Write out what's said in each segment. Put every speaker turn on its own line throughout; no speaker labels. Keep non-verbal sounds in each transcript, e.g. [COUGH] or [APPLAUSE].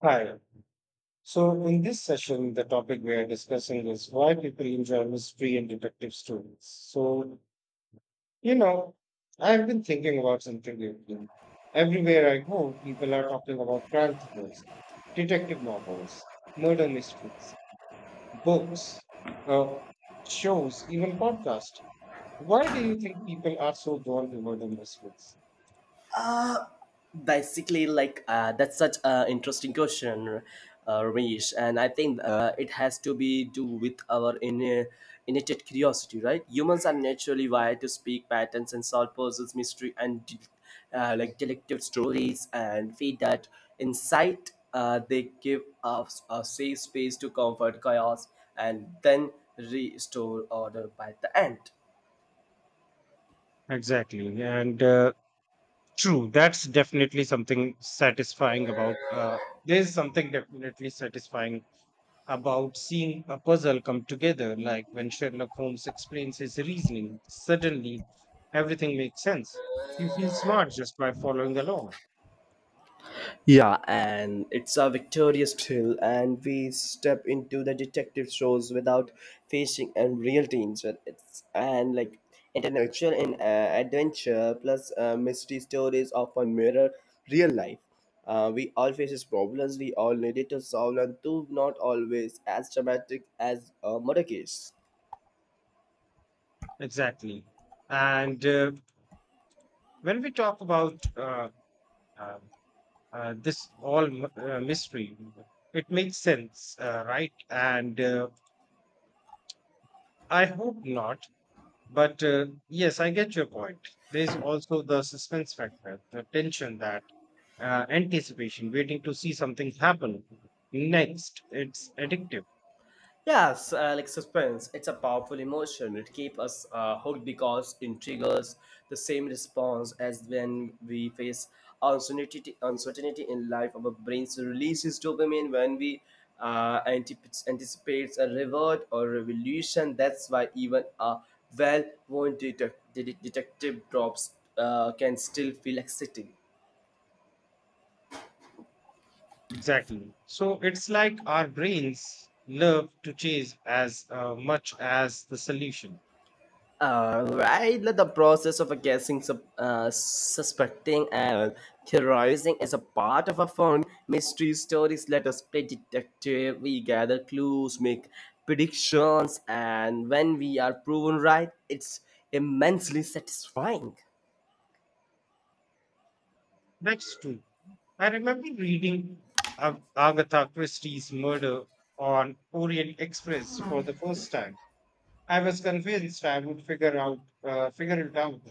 Hi. So, in this session, the topic we are discussing is why people enjoy mystery and detective stories. So, you know, I've been thinking about something lately. Everywhere I go, people are talking about crime thrillers, detective novels, murder mysteries, books, uh, shows, even podcasts. Why do you think people are so drawn to murder mysteries?
Basically like That's such an interesting question, Ramesh, and I think it has to be do with our inner innate curiosity, right? Humans are naturally wired to speak patterns and solve puzzles. Like detective stories and feed that insight, they give us a safe space to comfort chaos and then restore order by the end.
Exactly. And true, that's definitely something satisfying about. There's something definitely satisfying about seeing a puzzle come together, like when Sherlock Holmes explains his reasoning. Suddenly, everything makes sense. You feel smart just by following along.
Yeah, and it's a victorious thrill, and we step into the detective shows without facing unreal teams. But it's and like intellectual and adventure, plus mystery stories often mirror real life. We all faces problems, we all needed to solve, and do not always as dramatic as a murder case.
Exactly. And when we talk about uh, this all mystery, it makes sense, right? And I hope not. But yes, I get your point. There's also the suspense factor, the tension, that anticipation, waiting to see something happen next. It's addictive.
Yes, like suspense, it's a powerful emotion. It keeps us hooked because it triggers the same response as when we face uncertainty in life. Our brains releases dopamine when we anticipates a reward or revolution. That's why even a well-worn detective drops can still feel exciting.
Exactly. So it's like our brains love to chase as much as the solution.
All right, let the process of guessing, suspecting, and theorizing is a part of a fun mystery stories. Let us play detective. We gather clues, make predictions, and when we are proven right, it's immensely satisfying.
That's true. I remember reading Agatha Christie's Murder on Orient Express for the first time. I was convinced I would figure it out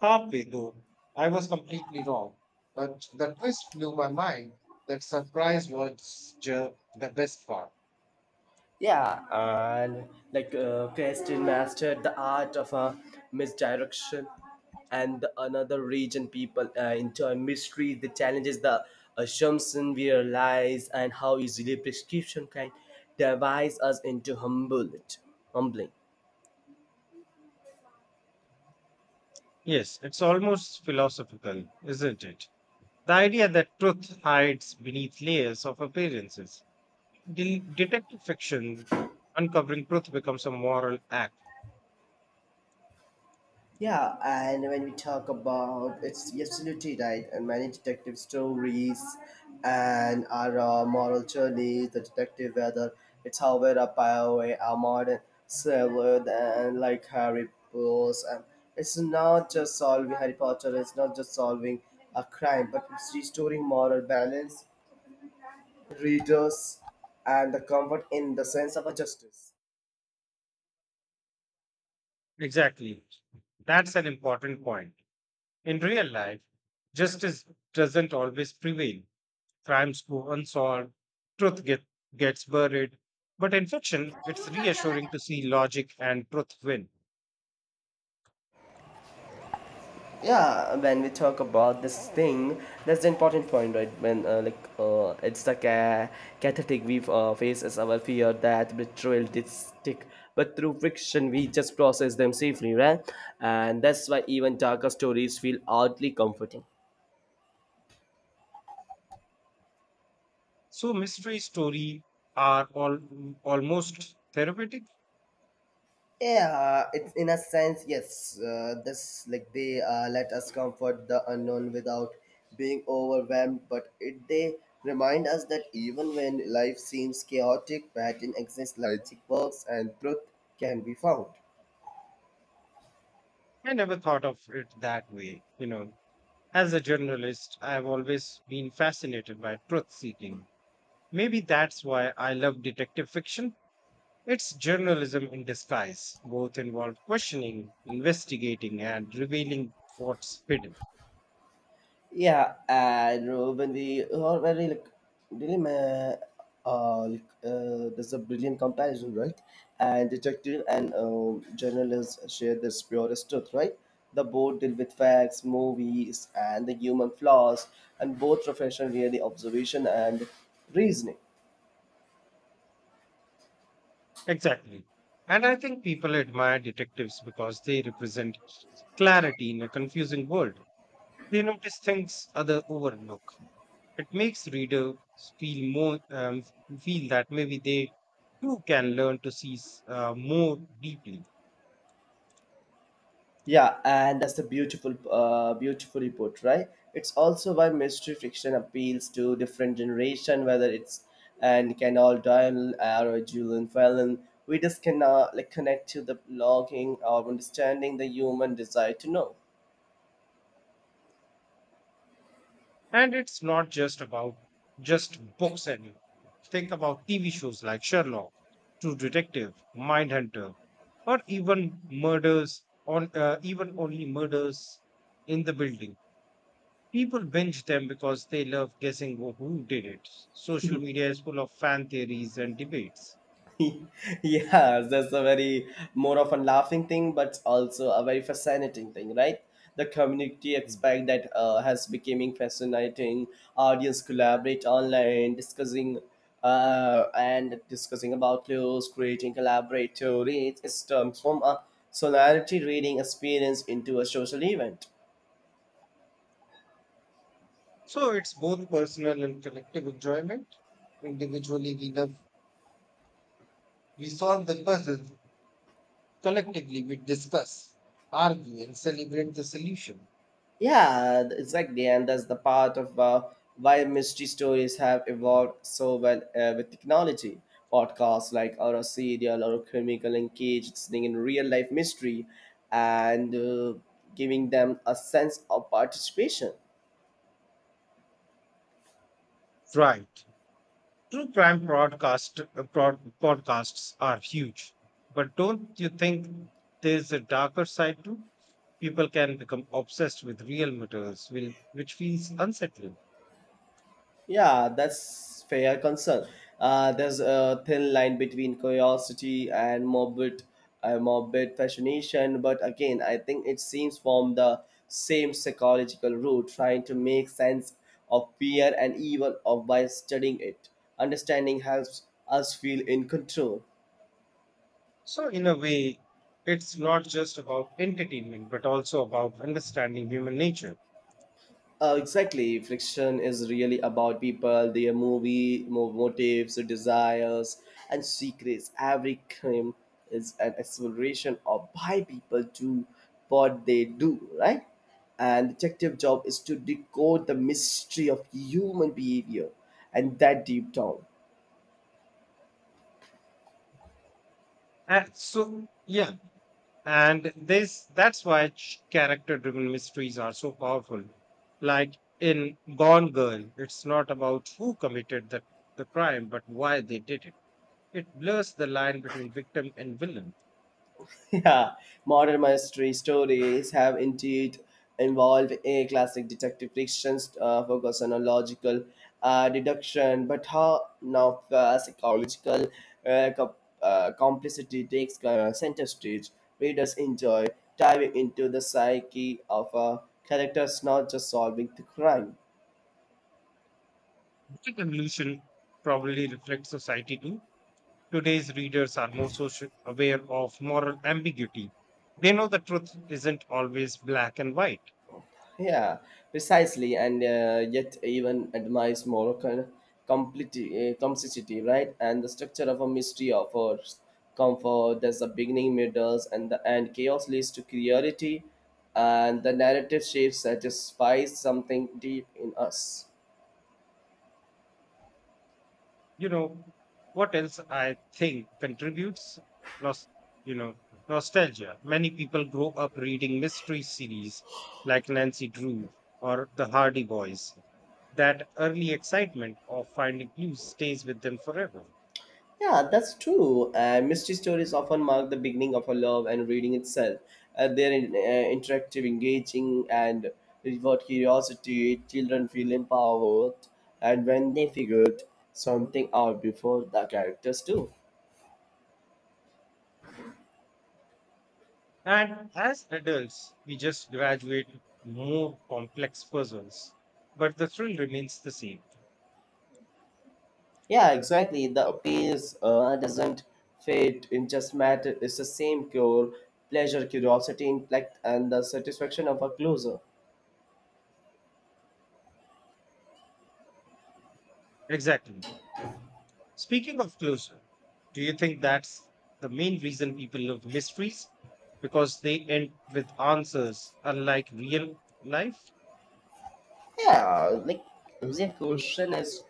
halfway through. I was completely wrong, but the twist blew my mind. That surprise was the best part.
Yeah, and Kirsten mastered the art of misdirection, and the another region people enjoy mystery, the challenges, the assumption we realize, and how easily prescription can devise us into humble humbling.
Yes, it's almost philosophical, isn't it? The idea that truth hides beneath layers of appearances. Detective fiction, uncovering truth becomes a moral act.
Yeah, and when we talk about it's absolutely right, and many detective stories and our moral journey, the detective, whether it's Howard or Poway, our modern Sherlock and like Harry Potter, and it's not just solving Harry Potter, it's not just solving a crime, but it's restoring moral balance, readers, and the comfort in the sense of a justice.
Exactly. That's an important point. In real life, justice doesn't always prevail. Crimes go unsolved, truth get, gets buried. But in fiction, it's reassuring to see logic and truth win.
Yeah, when we talk about this thing, that's the important point, right? when like It's the cathartic. We face as our fear that betrayal did stick, but through fiction we just process them safely, right? And that's why even darker stories feel oddly comforting.
So mystery stories are all almost therapeutic.
Yeah, it's in a sense, yes. This like they Let us comfort the unknown without being overwhelmed, but it they remind us that even when life seems chaotic, pattern exists, logic works, and truth can be found.
I never thought of it that way, you know. As a journalist, I have always been fascinated by truth seeking. Maybe that's why I love detective fiction. It's journalism in disguise, both involve questioning, investigating, and revealing what's hidden.
Yeah, and when we are very really ma- there's a brilliant comparison, right? And detective and journalists share this purest truth, right? The both deal with facts, movies, and the human flaws, and both profession really observation and reasoning.
Exactly. And I think people admire detectives because they represent clarity in a confusing world. They notice things other overlook. It makes readers feel more um, feel that maybe they too can learn to see more deeply.
Yeah, and that's beautifully put, right? It's also why mystery fiction appeals to different generation, whether it's and Canal Doyle or Julian Fallon. We just cannot like connect to the longing or understanding the human desire to know.
And it's not just about just books anymore. Think about TV shows like Sherlock, True Detective, Mindhunter, or even murders on even only murders in the building. People binge them because they love guessing who did it. Social media is full of fan theories and debates.
[LAUGHS] Yeah, that's a very more of a laughing thing, but also a very fascinating thing, right? The community aspect that has becoming fascinating. Audience collaborate online, discussing about clues, creating collaborative reads. It's transform a solidarity reading experience into a social event.
So it's both personal and collective enjoyment. Individually, we love, we solve the puzzle. Collectively, we discuss, argue, and celebrate the solution.
Yeah, exactly, and that's the part of why mystery stories have evolved so well with technology. Podcasts like or a serial or a chemical engaged listening in real life mystery and giving them a sense of participation.
Right. True crime podcasts are huge. But don't you think there's a darker side too? People can become obsessed with real murders, which feels unsettling.
Yeah, that's fair concern. There's a thin line between curiosity and morbid fascination, but again, I think it seems from the same psychological root, trying to make sense of fear and evil of by studying it. Understanding helps us feel in control.
So, in a way, it's not just about entertainment, but also about understanding human nature.
Exactly. Friction is really about people, their motives, desires, and secrets. Every crime is an exploration of why people do what they do, right? And detective job is to decode the mystery of human behavior and that deep down.
And so yeah, and this that's why character driven mysteries are so powerful. Like in Gone Girl, it's not about who committed the crime, but why they did it. It blurs the line between victim and villain.
[LAUGHS] Yeah, modern mystery stories have indeed involved a classic detective fictions focus on a logical deduction, but how now psychological uh, co- complicity takes center stage. Readers enjoy diving into the psyche of characters, not just solving the crime.
That evolution probably reflects society too. Today's readers are more social aware of moral ambiguity. They know the truth isn't always black and white.
Yeah, precisely, and yet even admires complexity, right? And the structure of a mystery offers comfort. There's a beginning, middles, and the end. Chaos leads to clarity, and the narrative shape satisfies something deep in us.
You know, what else I think contributes? Nos- you know, Nostalgia. Many people grow up reading mystery series like Nancy Drew or The Hardy Boys. That early excitement of finding clues stays with them forever.
Yeah, that's true. Mystery stories often mark the beginning of a love and reading itself. Interactive, engaging, and reward curiosity. Children feel empowered, and when they figured something out before the characters do.
And as adults, we just graduate more complex puzzles, but the thrill remains the same.
Yeah, exactly. The appeals doesn't fade. It just matter. It's the same core pleasure, curiosity, intellect, and the satisfaction of a closer.
Exactly. Speaking of closure, do you think that's the main reason people love mysteries? Because they end with answers, unlike real life?
Yeah, like the question is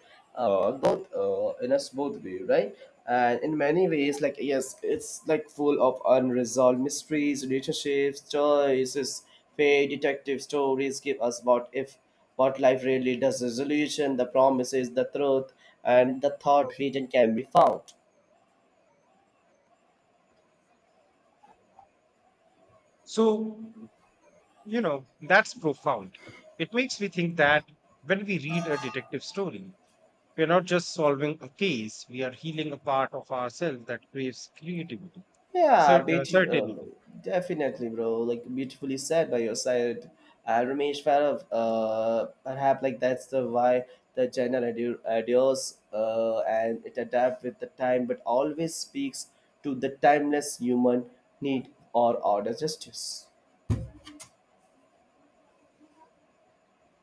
both in us both way, right? And in many ways, like, yes, it's like full of unresolved mysteries, relationships, choices, fate. Detective stories give us what if what life really does resolution, the promises the truth, and the thought region can be found.
So, that's profound. It makes me think that when we read a detective story, we're not just solving a case, we are healing a part of ourselves that craves creativity,
Yeah, beautiful.
certainty.
Definitely, bro. Like beautifully said by your side, Ramesh Farav. Perhaps like that's the why the genre adores and it adapts with the time, but always speaks to the timeless human need or order justice.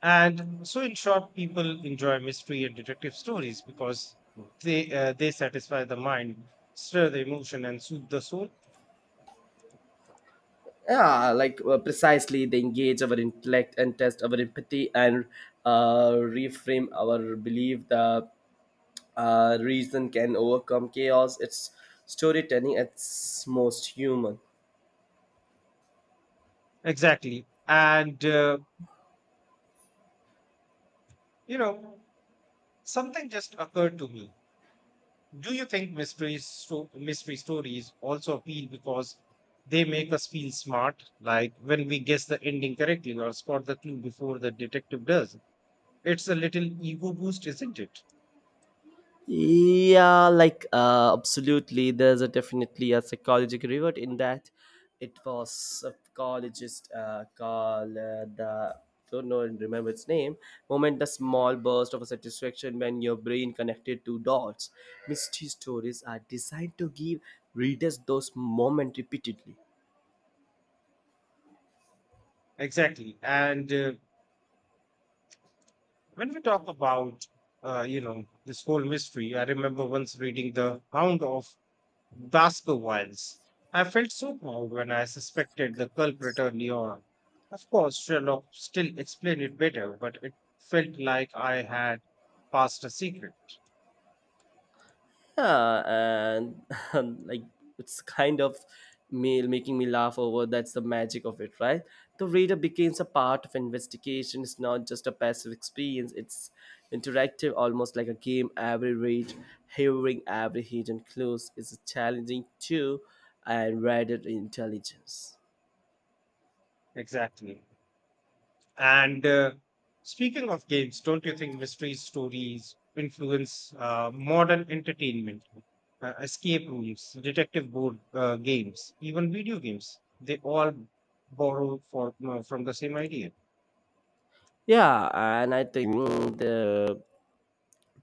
And so, in short, people enjoy mystery and detective stories because they satisfy the mind, stir the emotion, and soothe the soul.
Yeah, precisely, they engage our intellect and test our empathy and reframe our belief. The Reason can overcome chaos. It's storytelling at its most human.
Exactly. And, you know, something just occurred to me. Do you think mystery stories also appeal because they make us feel smart, like when we guess the ending correctly or spot the clue before the detective does? It's a little ego boost, isn't it?
Yeah, absolutely. There's a definitely a psychological reward in that. It was a psychologist called the don't know and remember its name. Moment the small burst of satisfaction when your brain connected two dots. Mystery stories are designed to give readers those moments repeatedly.
Exactly. And when we talk about this whole mystery, I remember once reading The Hound of Glasgow Wilds. I felt so proud when I suspected the culprit early on. Of course, Sherlock still explained it better, but it felt like I had passed a secret.
yeah and, [LAUGHS] like, it's kind of me making me laugh over that's the magic of it, right? The reader becomes a part of investigation. It's not just a passive experience, it's interactive, almost like a game. Every read hearing every hidden clues is challenging too, and rather intelligence.
Exactly. And speaking of games, don't you think mystery stories influence modern entertainment, escape rooms, detective board games, even video games? They all borrow from the same idea.
Yeah, and I think the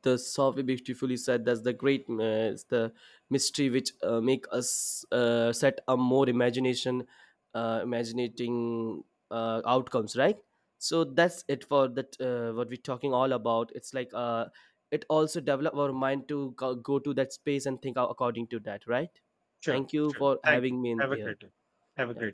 the software beautifully said that's the great. It's the mystery which make us set a more imagination, imaginating outcomes, right? So that's it for that, what we're talking all about. It's it also develop our mind to go, go to that space and think out according to that, right?
Sure,
Thank you
sure.
for
Thank you.
having me in
Have a
here.
great day. Have a
Yeah.
great